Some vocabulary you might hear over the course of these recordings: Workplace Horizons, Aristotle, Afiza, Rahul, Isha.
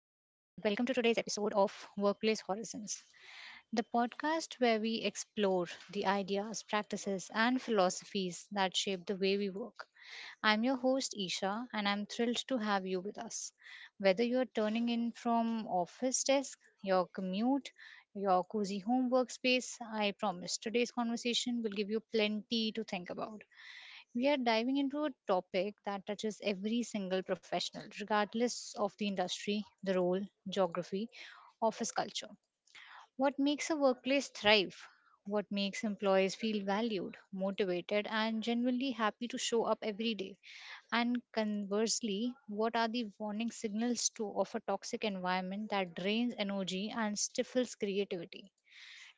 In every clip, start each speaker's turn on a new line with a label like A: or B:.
A: welcome to today's episode of Workplace Horizons, the podcast where we explore the ideas, practices, and philosophies that shape the way we work. I'm your host, Isha, and I'm thrilled to have you with us. Whether you're turning in from office desk, your commute, your cozy home workspace, I promise today's conversation will give you plenty to think about. We are diving into a topic that touches every single professional, regardless of the industry, the role, geography, office culture. What makes a workplace thrive? What makes employees feel valued, motivated, and genuinely happy to show up every day? And conversely, what are the warning signals to of a toxic environment that drains energy and stifles creativity?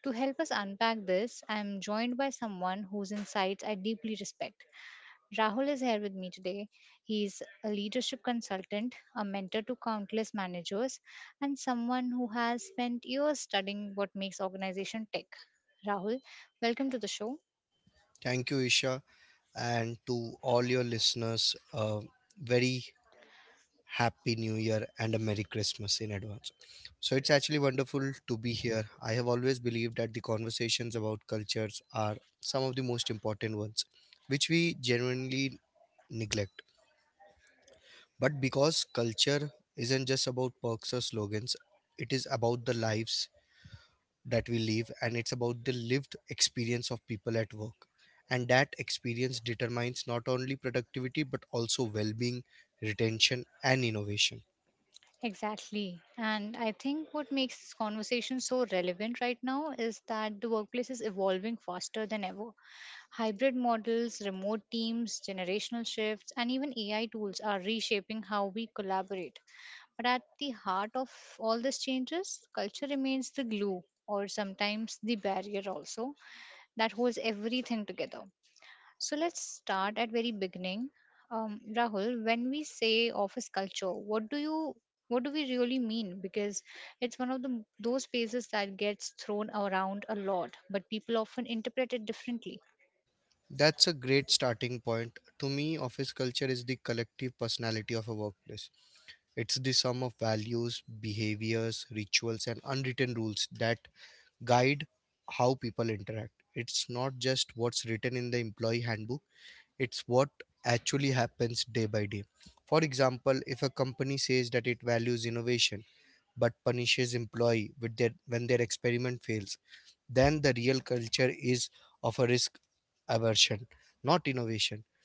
A: To help us unpack this, I am joined by someone whose insights I deeply respect. Rahul is here with me today. He's a leadership consultant, a mentor to countless managers, and someone who has spent years studying what makes organization tick. Rahul, welcome to the show.
B: Thank you, Isha, and to all your listeners, a very happy new year and a Merry Christmas in advance. So, it's actually wonderful to be here. I have always believed that the conversations about cultures are some of the most important ones, which we genuinely neglect. But because culture isn't just about perks or slogans, it is about the lives that we live, and it's about the lived experience of people at work, and that experience determines not only productivity but also well-being, retention, and innovation.
A: Exactly. And I think what makes this conversation so relevant right now is that the workplace is evolving faster than ever. Hybrid models, remote teams, generational shifts, and even AI tools are reshaping how we collaborate. But at the heart of all these changes, culture remains the glue or sometimes the barrier also that holds everything together. So let's start at very beginning. Rahul, when we say office culture, what do we really mean? Because it's one of the those spaces that gets thrown around a lot, but people often interpret it differently.
B: That's a great starting point. To me, office culture is the collective personality of a workplace. It's the sum of values, behaviors, rituals, and unwritten rules that guide how people interact. It's not just what's written in the employee handbook, it's what actually happens day by day. For example, if a company says that it values innovation but punishes employee when their experiment fails, then the real culture is of a risk aversion, not innovation.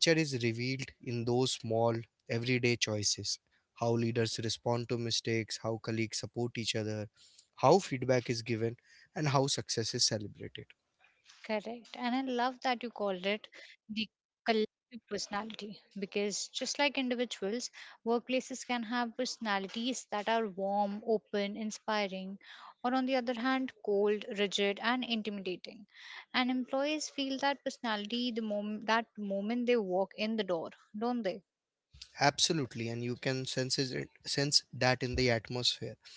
B: Culture is revealed in those small, everyday choices: how leaders respond to mistakes, how colleagues support each other, how feedback is given, and how success is celebrated.
A: Correct. And I love that you called it the collective personality because just like individuals, workplaces can have personalities that are warm, open, inspiring, or on the other hand, cold, rigid, and intimidating. And employees feel that personality the moment they walk in the door, don't they?
B: Absolutely, and you can sense that in the atmosphere.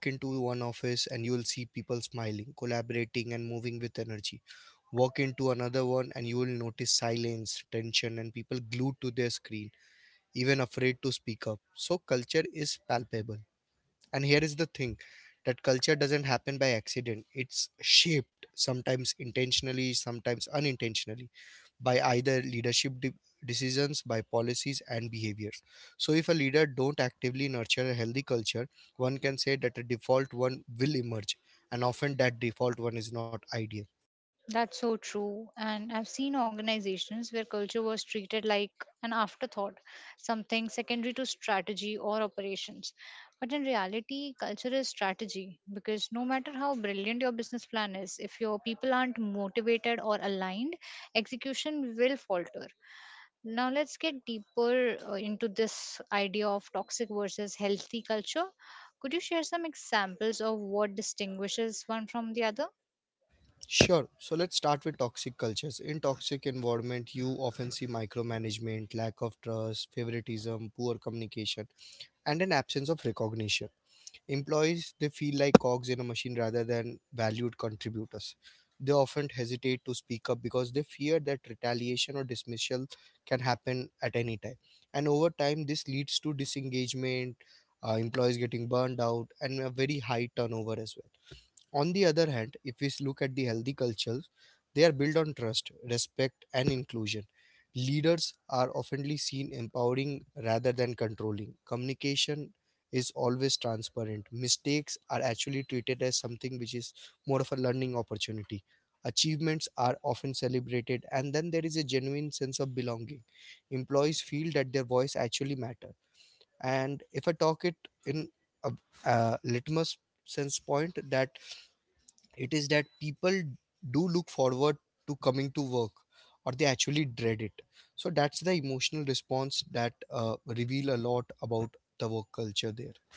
B: Walk into one office and you will see people smiling, collaborating, and moving with energy. Walk into another one and you will notice silence, tension, and people glued to their screen, even afraid to speak up. So culture is palpable. And here is the thing that culture doesn't happen by accident. It's shaped sometimes intentionally, sometimes unintentionally, by either leadership decisions, by policies and behaviors. So if a leader don't actively nurture a healthy culture, one can say that a default one will emerge, and often that default one is not ideal.
A: That's so true. And I've seen organizations where culture was treated like an afterthought, something secondary to strategy or operations. But in reality, culture is strategy because no matter how brilliant your business plan is, if your people aren't motivated or aligned, execution will falter. Now, let's get deeper into this idea of toxic versus healthy culture. Could you share some examples of what distinguishes one from the other?
B: Sure. So let's start with toxic cultures. In toxic environment you often see micromanagement, lack of trust, favoritism, poor communication, and an absence of recognition. Employees, they feel like cogs in a machine rather than valued contributors. They often hesitate to speak up because they fear that retaliation or dismissal can happen at any time. And over time, this leads to disengagement, employees getting burned out, and a very high turnover as well. On the other hand, if we look at the healthy cultures, they are built on trust, respect, and inclusion. Leaders are oftenly seen empowering rather than controlling. Communication is always transparent. Mistakes are actually treated as something which is more of a learning opportunity. Achievements are often celebrated, and then there is a genuine sense of belonging. Employees feel that their voice actually matter. And if I talk it in a, a litmus sense point, that it is that people do look forward to coming to work or they actually dread it. So that's the emotional response that reveal a lot about the work culture there.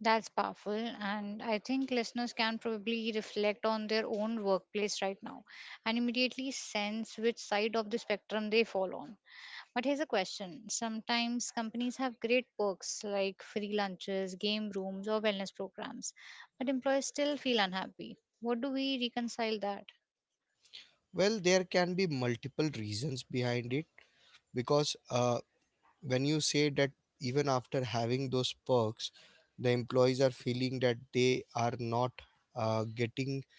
A: That's powerful. And I think listeners can probably reflect on their own workplace right now and immediately sense which side of the spectrum they fall on. But here's a question sometimes companies have great perks like free lunches, game rooms, or wellness programs, but employees still feel unhappy. What do we reconcile that?
B: Well, there can be multiple reasons behind it. Because when you say that even after having those perks, the employees are feeling that they are not getting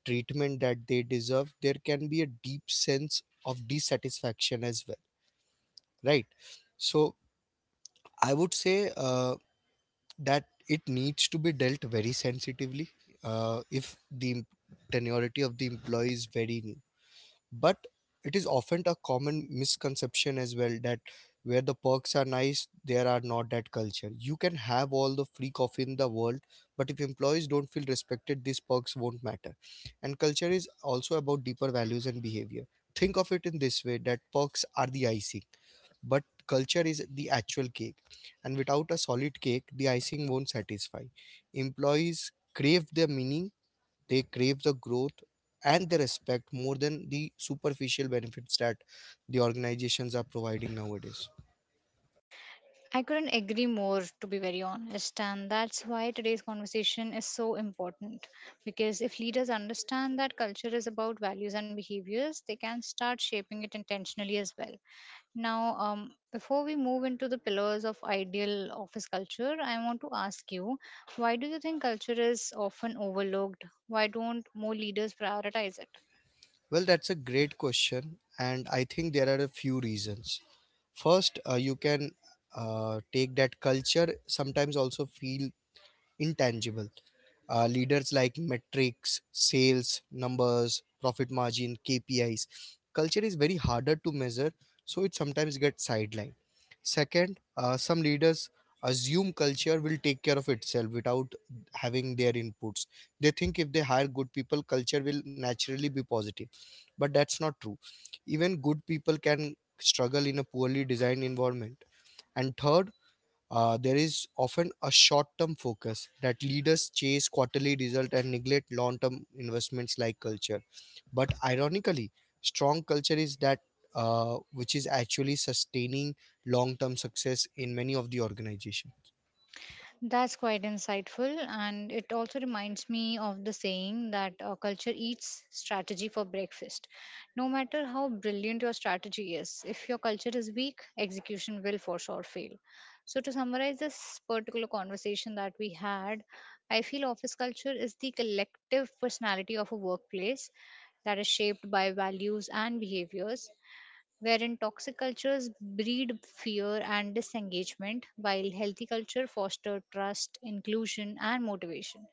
B: the treatment that they deserve, there can be a deep sense of dissatisfaction as well, right? So I would say that it needs to be dealt very sensitively, if the tenuity of the employee is very new. But it is often a common misconception as well, that where the perks are nice, there are not that culture. You can have all the free coffee in the world, but if employees don't feel respected, these perks won't matter. And culture is also about deeper values and behavior. Think of it in this way, that perks are the icing but culture is the actual cake, and without a solid cake, the icing won't satisfy. Employees crave their meaning, they crave the growth and the respect more than the superficial benefits that the organizations are providing nowadays.
A: I couldn't agree more, to be very honest. And that's why today's conversation is so important. Because if leaders understand that culture is about values and behaviors, they can start shaping it intentionally as well. Now, before we move into the pillars of ideal office culture, I want to ask you why do you think culture is often overlooked? Why don't more leaders prioritize it?
B: Well, that's a great question, and I think there are a few reasons. First, you can take that culture sometimes also feel intangible. Leaders like metrics, sales, numbers, profit margin, KPIs. Culture is very harder to measure, so it sometimes gets sidelined. Second, some leaders assume culture will take care of itself without having their inputs. They think if they hire good people, culture will naturally be positive. But that's not true. Even good people can struggle in a poorly designed environment. And third, there is often a short-term focus that leaders chase quarterly result and neglect long-term investments like culture. But ironically, strong culture is that which is actually sustaining long-term success in many of the organization.
A: That's quite insightful, and it also reminds me of the saying that culture eats strategy for breakfast. No matter how brilliant your strategy is, if your culture is weak, execution will for sure fail. So, to summarize this particular conversation that we had, I feel office culture is the collective personality of a workplace that is shaped by values and behaviors wherein toxic cultures breed fear and disengagement, while healthy culture foster trust, inclusion, and motivation.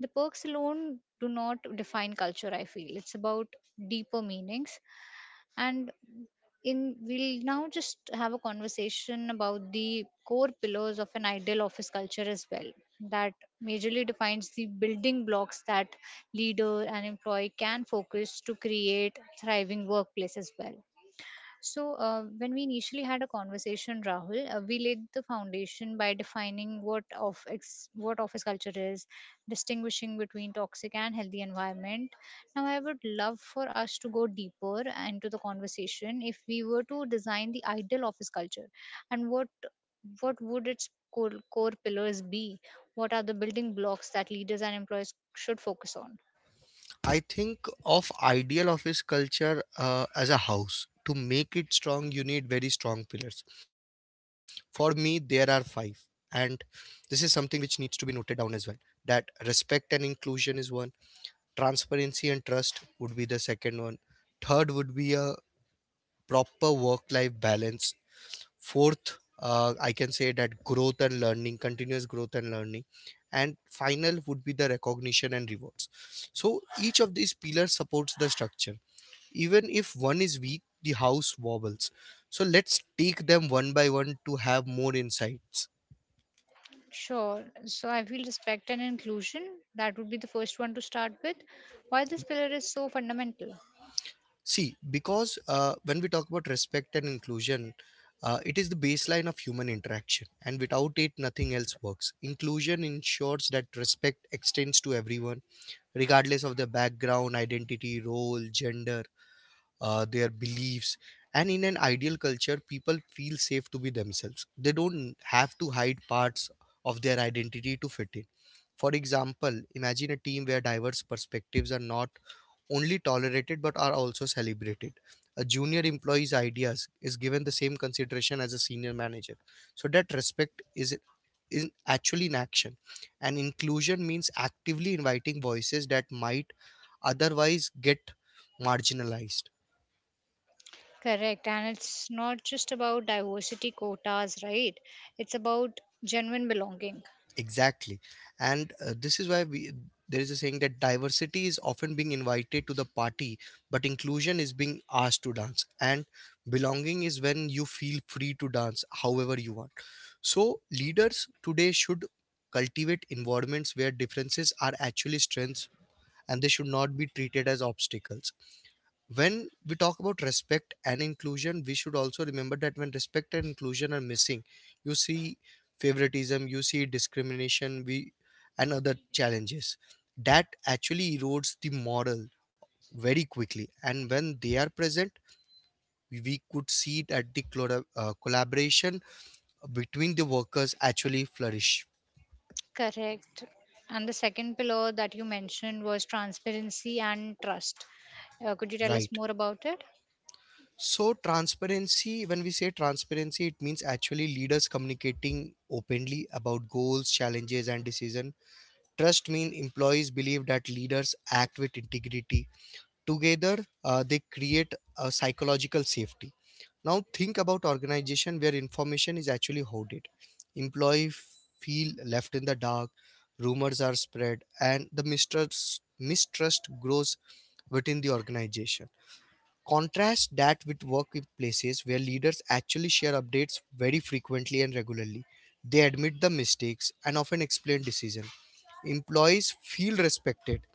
A: The perks alone do not define culture, I feel. It's about deeper meanings. And in we'll now just have a conversation about the core pillars of an ideal office culture as well that majorly defines the building blocks that leader and employee can focus to create thriving workplace as well. So, when we initially had a conversation, Rahul, we laid the foundation by defining what office culture is, distinguishing between toxic and healthy environment. Now, I would love for us to go deeper into the conversation. If we were to design the ideal office culture, and what would its core pillars be? What are the building blocks that leaders and employees should focus on?
B: I think of ideal office culture as a house. To make it strong, you need very strong pillars. For me, there are five, and this is something which needs to be noted down as well. That respect and inclusion is one. Transparency and trust would be the second one. Third would be a proper work life balance. Fourth, I can say that growth and learning, continuous growth and learning. And final would be the recognition and rewards. So each of these pillars supports the structure. Even if one is weak, the house wobbles. So let's take them one by one to have more insights.
A: Sure. So I feel respect and inclusion. That would be the first one to start with. Why this pillar is so fundamental.
B: See, because when we talk about respect and inclusion, it is the baseline of human interaction, and without it, nothing else works. Inclusion ensures that respect extends to everyone, regardless of their background, identity, role, gender, their beliefs. And in an ideal culture, people feel safe to be themselves. They don't have to hide parts of their identity to fit in. For example, imagine a team where diverse perspectives are not only tolerated but are also celebrated. A junior employee's ideas is given the same consideration as a senior manager. So that respect is actually in action. And inclusion means actively inviting voices that might otherwise get marginalized.
A: Correct. And it's not just about diversity quotas, right? It's about genuine belonging.
B: Exactly. And this is why we there is a saying that diversity is often being invited to the party, but inclusion is being asked to dance. And belonging is when you feel free to dance however you want. So leaders today should cultivate environments where differences are actually strengths, and they should not be treated as obstacles. When we talk about respect and inclusion, we should also remember that when respect and inclusion are missing, you see favoritism, you see discrimination, we and other challenges that actually erodes the moral very quickly. And when they are present, we could see that the collaboration between the workers actually flourish.
A: Correct. And the second pillar that you mentioned was transparency and trust. Could you tell us
B: Right.
A: more about it?
B: So, transparency, when we say transparency, it means actually leaders communicating openly about goals, challenges, and decision. Trust means employees believe that leaders act with integrity. Together, they create a psychological safety. Now, think about organization where information is actually hoarded. Employee feel left in the dark, rumors are spread, and the mistrust grows within the organization. Contrast that with workplaces where leaders actually share updates very frequently and regularly. They admit the mistakes and often explain decisions. Employees feel respected,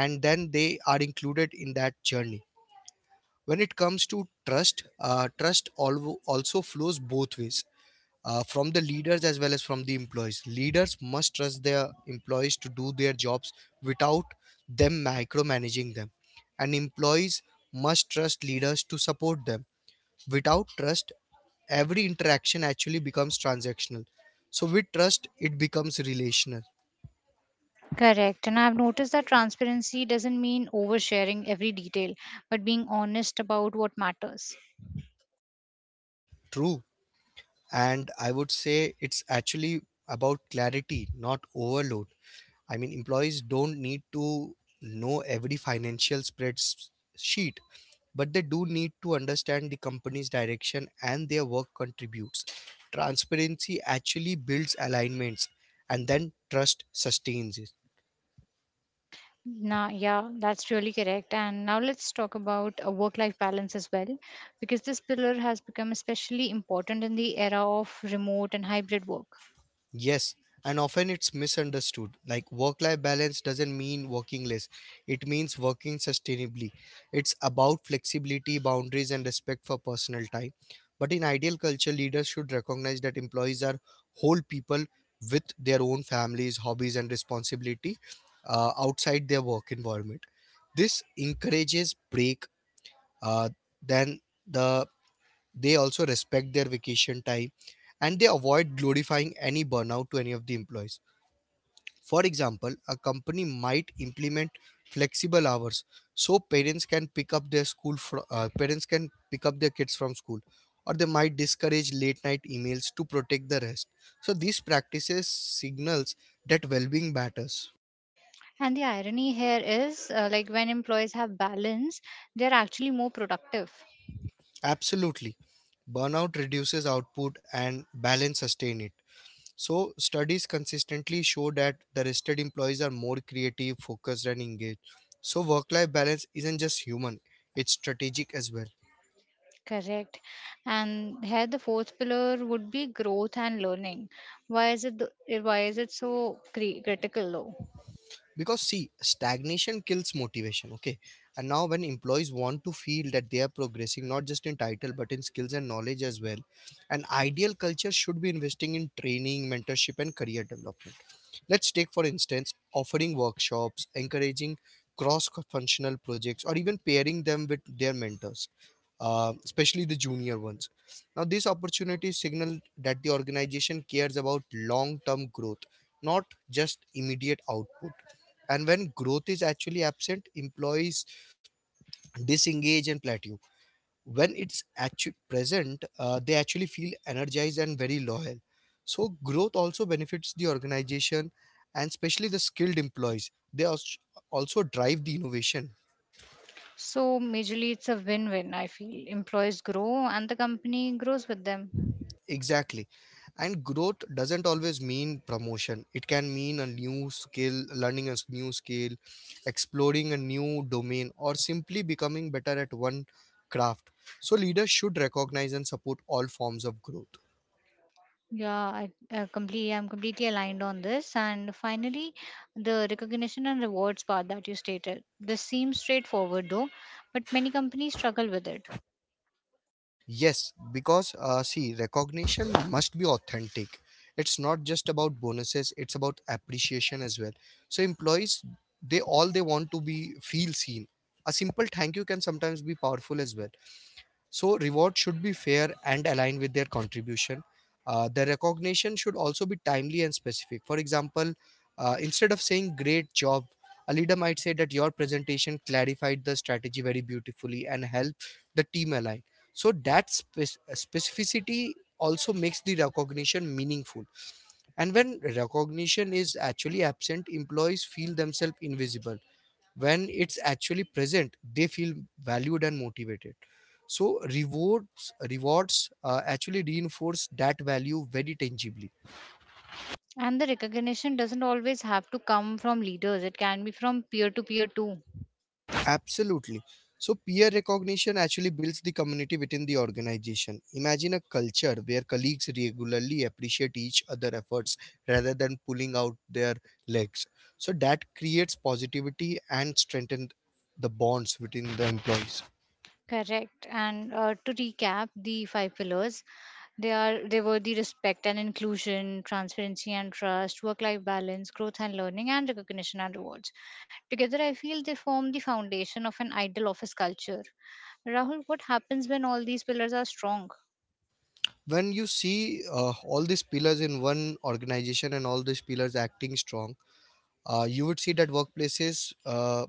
B: and then they are included in that journey. When it comes to trust, trust also flows both ways, from the leaders as well as from the employees. Leaders must trust their employees to do their jobs without them micromanaging them, and employees must trust leaders to support them. Without trust, every interaction actually becomes transactional. So, with trust, it becomes relational.
A: Correct. And I've noticed that transparency doesn't mean oversharing every detail, but being honest about what matters.
B: True. And I would say it's actually about clarity, not overload. I mean, employees don't need to know every financial spreadsheet, but they do need to understand the company's direction and their work contributes. Transparency actually builds alignments, and then trust sustains it.
A: Now, yeah, that's really correct. And now let's talk about a work life balance as well, because this pillar has become especially important in the era of remote and hybrid work.
B: Yes, and often it's misunderstood. Like, work life balance doesn't mean working less, it means working sustainably. It's about flexibility, boundaries, and respect for personal time. But in ideal culture, leaders should recognize that employees are whole people with their own families, hobbies, and responsibility outside their work environment. This encourages break uh, than the they also respect their vacation time, and they avoid glorifying any burnout to any of the employees. For example, a company might implement flexible hours so parents can pick up their kids from school, or they might discourage late night emails to protect the rest. So these practices signals that well-being matters.
A: And the irony here is like when employees have balance, they're actually more productive.
B: Absolutely. Burnout reduces output and balance sustain it. So, studies consistently show that the rested employees are more creative, focused, and engaged. So, work life balance isn't just human, it's strategic as well.
A: Correct. And here the fourth pillar would be growth and learning. Why is it why is it so critical though?
B: Because see, stagnation kills motivation, okay? And now when employees want to feel that they are progressing not just in title but in skills and knowledge as well, an ideal culture should be investing in training, mentorship and career development. Let's take for instance offering workshops, encouraging cross functional projects, or even pairing them with their mentors, especially the junior ones. Now these opportunities signal that the organization cares about long term growth, not just immediate output. And when growth is actually absent, employees disengage and plateau. When it's actually present, they actually feel energized and very loyal. So growth also benefits the organization and especially the skilled employees. Also drive the innovation.
A: So majorly it's a win-win, I feel. Employees grow and the company grows with them.
B: Exactly. And growth doesn't always mean promotion. It can mean a new skill, learning a new skill, exploring a new domain, or simply becoming better at one craft. So, leaders should recognize and support all forms of growth.
A: Yeah, I completely, I'm completely aligned on this. And finally, the recognition and rewards part that you stated. This seems straightforward though, but many companies struggle with it.
B: Yes, because see, recognition must be authentic. It's not just about bonuses, it's about appreciation as well. So, employees, they want to be feel seen. A simple thank you can sometimes be powerful as well. So reward should be fair and aligned with their contribution. The recognition should also be timely and specific. For example, instead of saying "great job," a leader might say that your presentation clarified the strategy very beautifully and helped the team align. So that specificity also makes the recognition meaningful. And when recognition is actually absent, employees feel themselves invisible. When it's actually present, they feel valued and motivated. So rewards actually reinforce that value very tangibly.
A: And the recognition doesn't always have to come from leaders, it can be from peer to peer too.
B: Absolutely. So peer recognition actually builds the community within the organization. Imagine a culture where colleagues regularly appreciate each other efforts rather than pulling out their legs. So that creates positivity and strengthens the bonds between the employees.
A: Correct. And to recap, the five pillars they were the respect and inclusion, transparency and trust, work-life balance, growth and learning, and recognition and rewards. Together, I feel they form the foundation of an ideal office culture. Rahul, what happens when all these pillars are strong?
B: When you see all these pillars in one organization and all these pillars acting strong, you would see that workplaces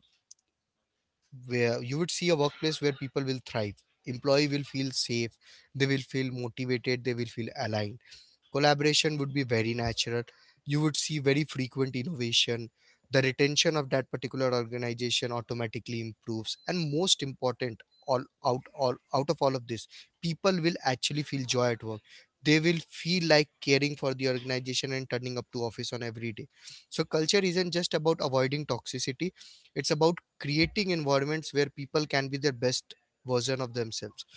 B: where you would see a workplace where people will thrive, employee will feel safe, they will feel motivated, they will feel aligned, collaboration would be very natural, you would see very frequent innovation, the retention of that particular organization automatically improves, and most important, all out of all of this, people will actually feel joy at work. They will feel like caring for the organization and turning up to office on every day. So culture isn't just about avoiding toxicity, it's about creating environments where people can be their best version of themselves.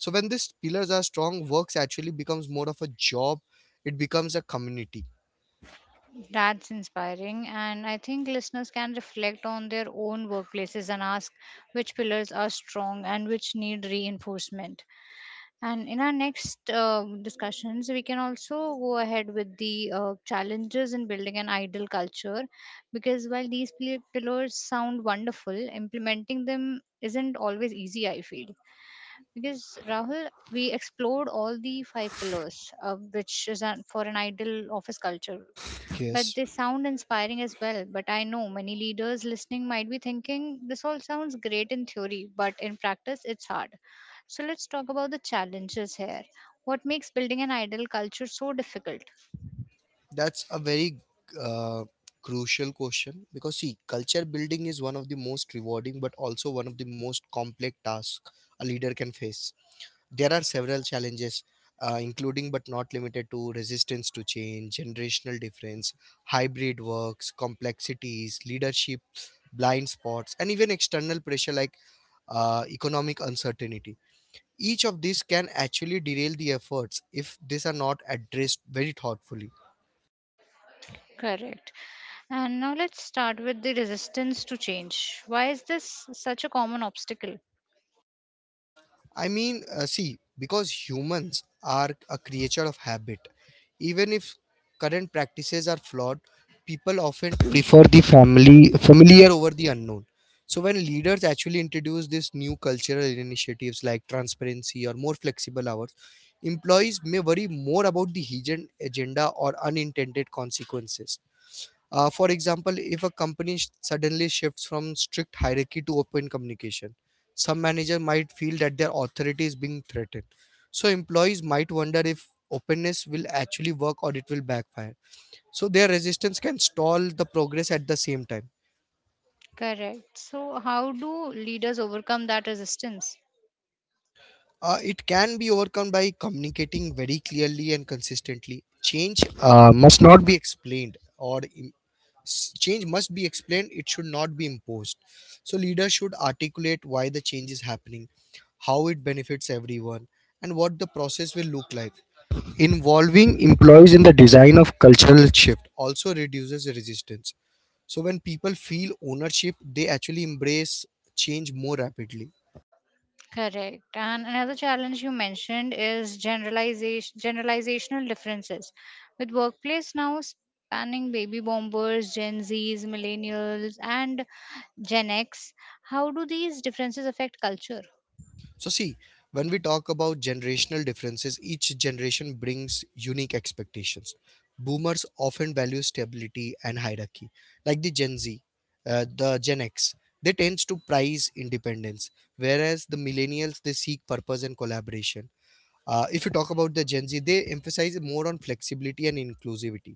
B: So when these pillars are strong, works actually becomes more of a job, it becomes a community.
A: That's inspiring, and I think listeners can reflect on their own workplaces and ask which pillars are strong and which need reinforcement. And in our next discussions, we can also go ahead with the challenges in building an ideal culture because while these pillars sound wonderful, implementing them isn't always easy, I feel. Because Rahul, we explored all the five pillars, which is an, for an ideal office culture. But
B: Yes.
A: they sound inspiring as well. But I know many leaders listening might be thinking this all sounds great in theory, but in practice it's hard. So let's talk about the challenges here. What makes building an ideal culture so difficult?
B: That's a very uh, crucial question because see, culture building is one of the most rewarding but also one of the most complex tasks a leader can face. There are several challenges, including but not limited to resistance to change, generational difference, hybrid works complexities, leadership blind spots, and even external pressure like economic uncertainty. Each of these can actually derail the efforts if these are not addressed very thoughtfully.
A: Correct. And now let's start with the resistance to change. Why is this such a common obstacle?
B: I mean, see, because humans are a creature of habit, even if current practices are flawed, people often prefer the family familiar over the unknown. So when leaders actually introduce these new cultural initiatives like transparency or more flexible hours, employees may worry more about the hidden agenda or unintended consequences. For example, if a company suddenly shifts from strict hierarchy to open communication, some manager might feel that their authority is being threatened. So employees might wonder if openness will actually work or it will backfire. So their resistance can stall the progress at the same time.
A: Correct. So, how do leaders overcome that resistance?
B: It can be overcome by communicating very clearly and consistently. Change must not be explained or im- S- Change must be explained, it should not be imposed. So, leaders should articulate why the change is happening, how it benefits everyone, and what the process will look like. Involving employees in the design of cultural shift also reduces resistance. So, when people feel ownership, they actually embrace change more rapidly.
A: Correct. And another challenge you mentioned is generalizational differences. With workplace now spanning baby boomers, Gen Zs, millennials, and Gen X, how do these differences affect culture?
B: So, see, when we talk about generational differences, each generation brings unique expectations. Boomers often value stability and hierarchy, like the Gen Z, the Gen X. They tend to prize independence, whereas the millennials, they seek purpose and collaboration. If you talk about the Gen Z, they emphasize more on flexibility and inclusivity.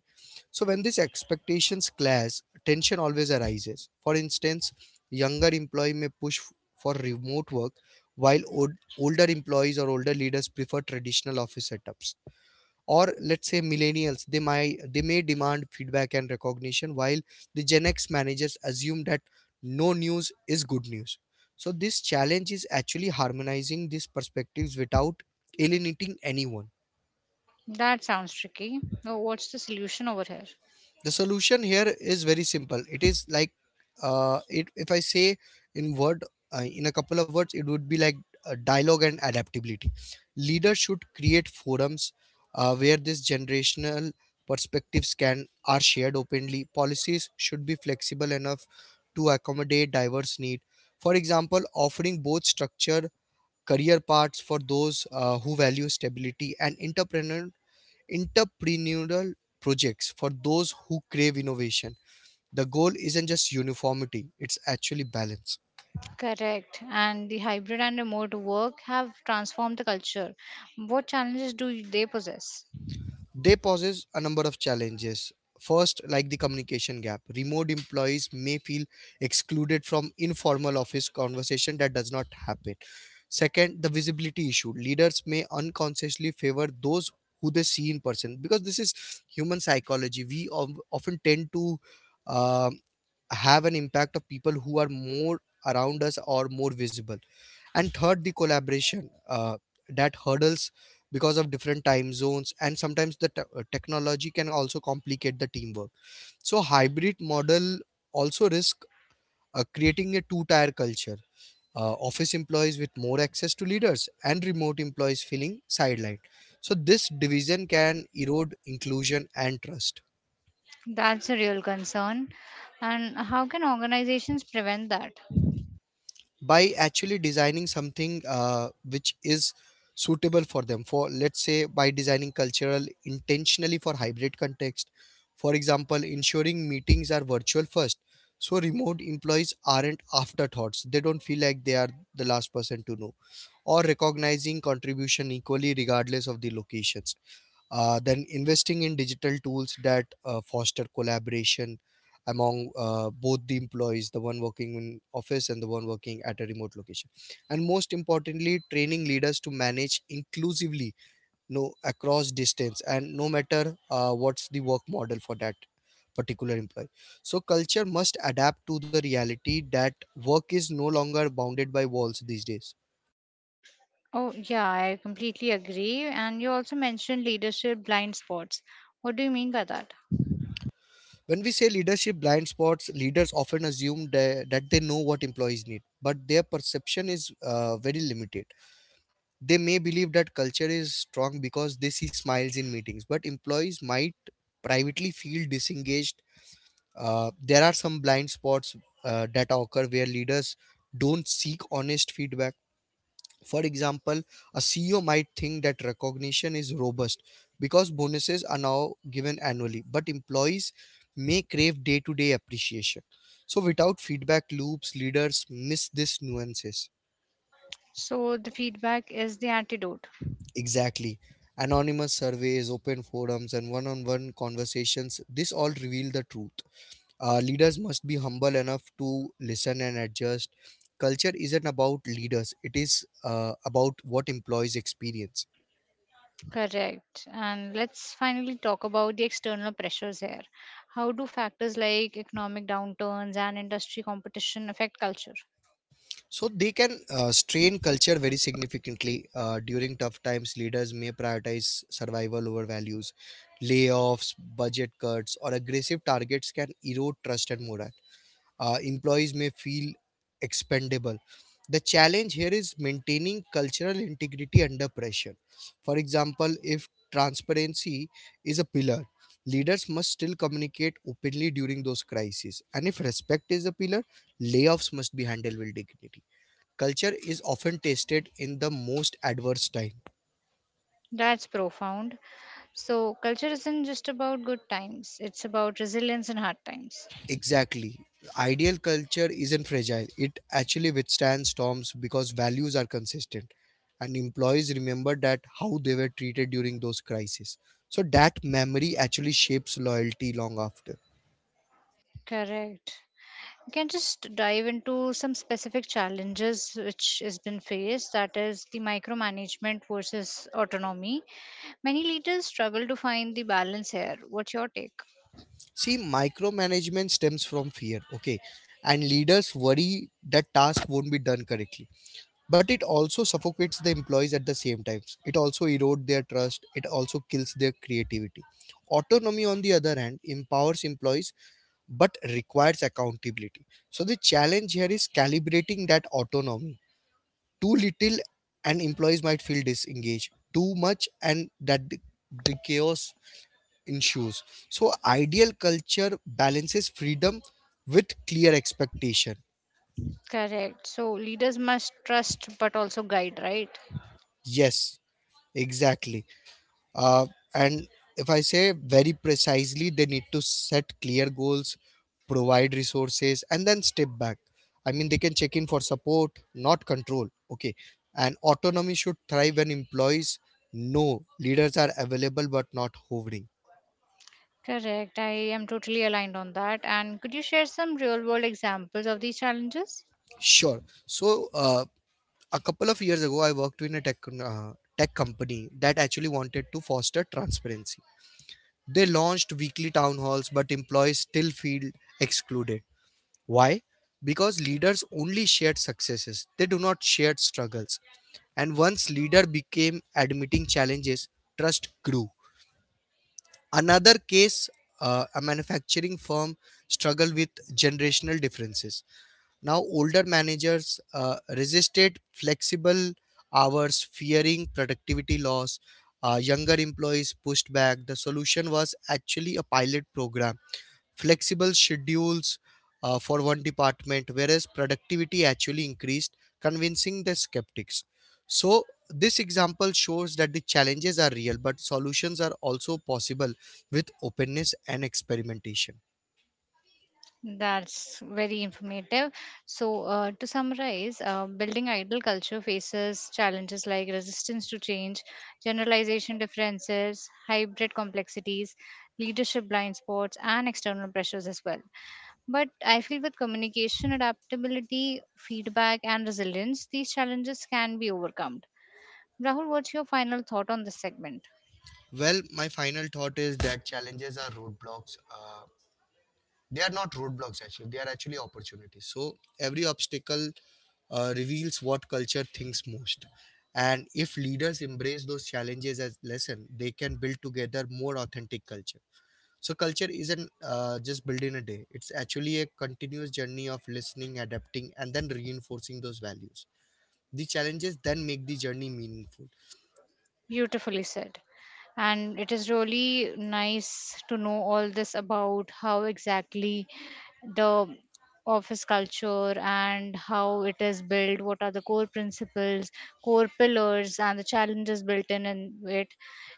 B: So when these expectations clash, tension always arises. For instance, younger employee may push f- for remote work while older employees or older leaders prefer traditional office setups. Or let's say millennials, they may demand feedback and recognition while the Gen X managers assume that no news is good news. So this challenge is actually harmonizing these perspectives without alienating anyone.
A: That sounds tricky. So what's the solution over here?
B: The solution here is very simple. It is like, if I say in word, in a couple of words, it would be like dialogue and adaptability. Leaders should create forums where these generational perspectives can are shared openly. Policies should be flexible enough to accommodate diverse need. For example, offering both structured career paths for those who value stability and entrepreneurial projects for those who crave innovation. The goal isn't just uniformity, it's actually balance.
A: Correct. And the hybrid and remote work have transformed the culture. What challenges do they possess?
B: They poses a number of challenges. First, like the communication gap. Remote employees may feel excluded from informal office conversation that does not happen. Second, the visibility issue. Leaders may unconsciously favor those who they see in person, because this is human psychology. We often tend to um, have an impact of people who are more around us or more visible. And third, the collaboration that hurdles because of different time zones, and sometimes the technology can also complicate the teamwork. So hybrid model also risk creating a two tier culture, office employees with more access to leaders and remote employees feeling sidelined. So this division can erode inclusion and trust.
A: That's a real concern. And how can organizations prevent that?
B: By actually designing something which is suitable for them, for let's say, by designing cultural intentionally for hybrid context. For example, ensuring meetings are virtual first, so remote employees aren't afterthoughts, they don't feel like they are the last person to know. Or recognizing contribution equally regardless of the locations, then investing in digital tools that foster collaboration among both the employees, the one working in office and the one working at a remote location. And most importantly, training leaders to manage inclusively, no across distance and no matter what's the work model for that particular employee. So culture must adapt to the reality that work is no longer bounded by walls these days.
A: Oh, yeah, I completely agree. And you also mentioned leadership blind spots. What do you mean by that?
B: When we say leadership blind spots, leaders often assume that they know what employees need, but their perception is very limited. They may believe that culture is strong because they see smiles in meetings, but employees might privately feel disengaged. There are some blind spots that occur where leaders don't seek honest feedback. For example, a CEO might think that recognition is robust because bonuses are now given annually, but employees may crave day to day appreciation. So, without feedback loops, leaders miss these nuances.
A: So, the feedback is the antidote.
B: Exactly. Anonymous surveys, open forums, and one on one conversations, this all reveal the truth. Leaders must be humble enough to listen and adjust. Culture isn't about leaders, it is about what employees experience.
A: Correct. And let's finally talk about the external pressures here. How do factors like economic downturns and industry competition affect culture?
B: So they can strain culture very significantly. During tough times, leaders may prioritize survival over values. Layoffs, budget cuts, or aggressive targets can erode trust and morale. Employees may feel expendable. The challenge here is maintaining cultural integrity under pressure. For example, if transparency is a pillar, leaders must still communicate openly during those crises. And if respect is a pillar, layoffs must be handled with dignity. Culture is often tested in the most adverse time.
A: That's profound. So, culture isn't just about good times, it's about resilience in hard times.
B: Exactly. Ideal culture isn't fragile. It actually withstands storms because values are consistent and employees remember that how they were treated during those crises. So that memory actually shapes loyalty long after.
A: Correct. We can just dive into some specific challenges which has been faced that is the micromanagement versus autonomy many leaders struggle to find the balance here what's your take.
B: See, micromanagement stems from fear, okay? And leaders worry that task won't be done correctly, but it also suffocates the employees. At the same times, it also erodes their trust, it also kills their creativity. Autonomy on the other hand empowers employees but requires accountability. So the challenge here is calibrating that autonomy. Too little and employees might feel disengaged, too much and the chaos ensues. So ideal culture balances freedom with clear expectation.
A: Correct, so leaders must trust but also guide, right?
B: Yes, exactly. Uh, and if I say very precisely, they need to set clear goals, provide resources, and then step back. I mean, they can check in for support, not control. Okay. And autonomy should thrive when employees know leaders are available but not hovering.
A: Correct. I am totally aligned on that and could you share some real world examples of these challenges?
B: Sure. So, a couple of years ago, I worked in a tech company that actually wanted to foster transparency. They launched weekly town halls, but employees still feel excluded. Why? Because leaders only shared successes, they do not share struggles. And once leader became admitting challenges, trust grew. Another case, a manufacturing firm struggled with generational differences. Now, older managers resisted flexible hours, fearing productivity loss. Younger employees pushed back. The solution was actually a pilot program, flexible schedules for one department, whereas productivity actually increased, convincing the skeptics. So, this example shows that the challenges are real, but solutions are also possible with openness and experimentation.
A: That's very informative. So, to summarize, building idol culture faces challenges like resistance to change, generalization differences, hybrid complexities, leadership blind spots, and external pressures as well. But I feel with communication, adaptability, feedback, and resilience, these challenges can be overcome. Rahul, what's your final thought on this segment?
B: Well, my final thought is that challenges are roadblocks. They are not roadblocks actually, they are actually opportunities. So every obstacle reveals what culture thinks most. And if leaders embrace those challenges as lesson, they can build together more authentic culture. So culture isn't just built in a day, it's actually a continuous journey of listening, adapting and then reinforcing those values. The challenges then make the journey meaningful.
A: Beautifully said. And it is really nice to know all this about how exactly the office culture and how it is built, what are the core principles, core pillars and the challenges built in it.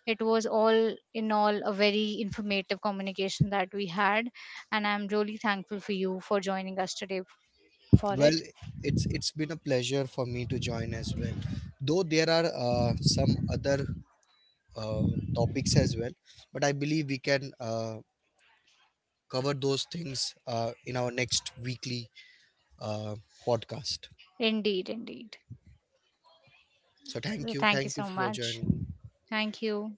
A: It was all in all a very informative communication that we had and I'm really thankful for you for joining us today for
B: Well,
A: it.
B: it's been a pleasure for me to join as well, though there are some other uh, topics as well. But I believe we can cover those things in our next weekly uh, podcast.
A: Indeed, indeed.
B: So
A: Thank
B: thank
A: you
B: you
A: so
B: for
A: much.
B: joining.
A: Thank you.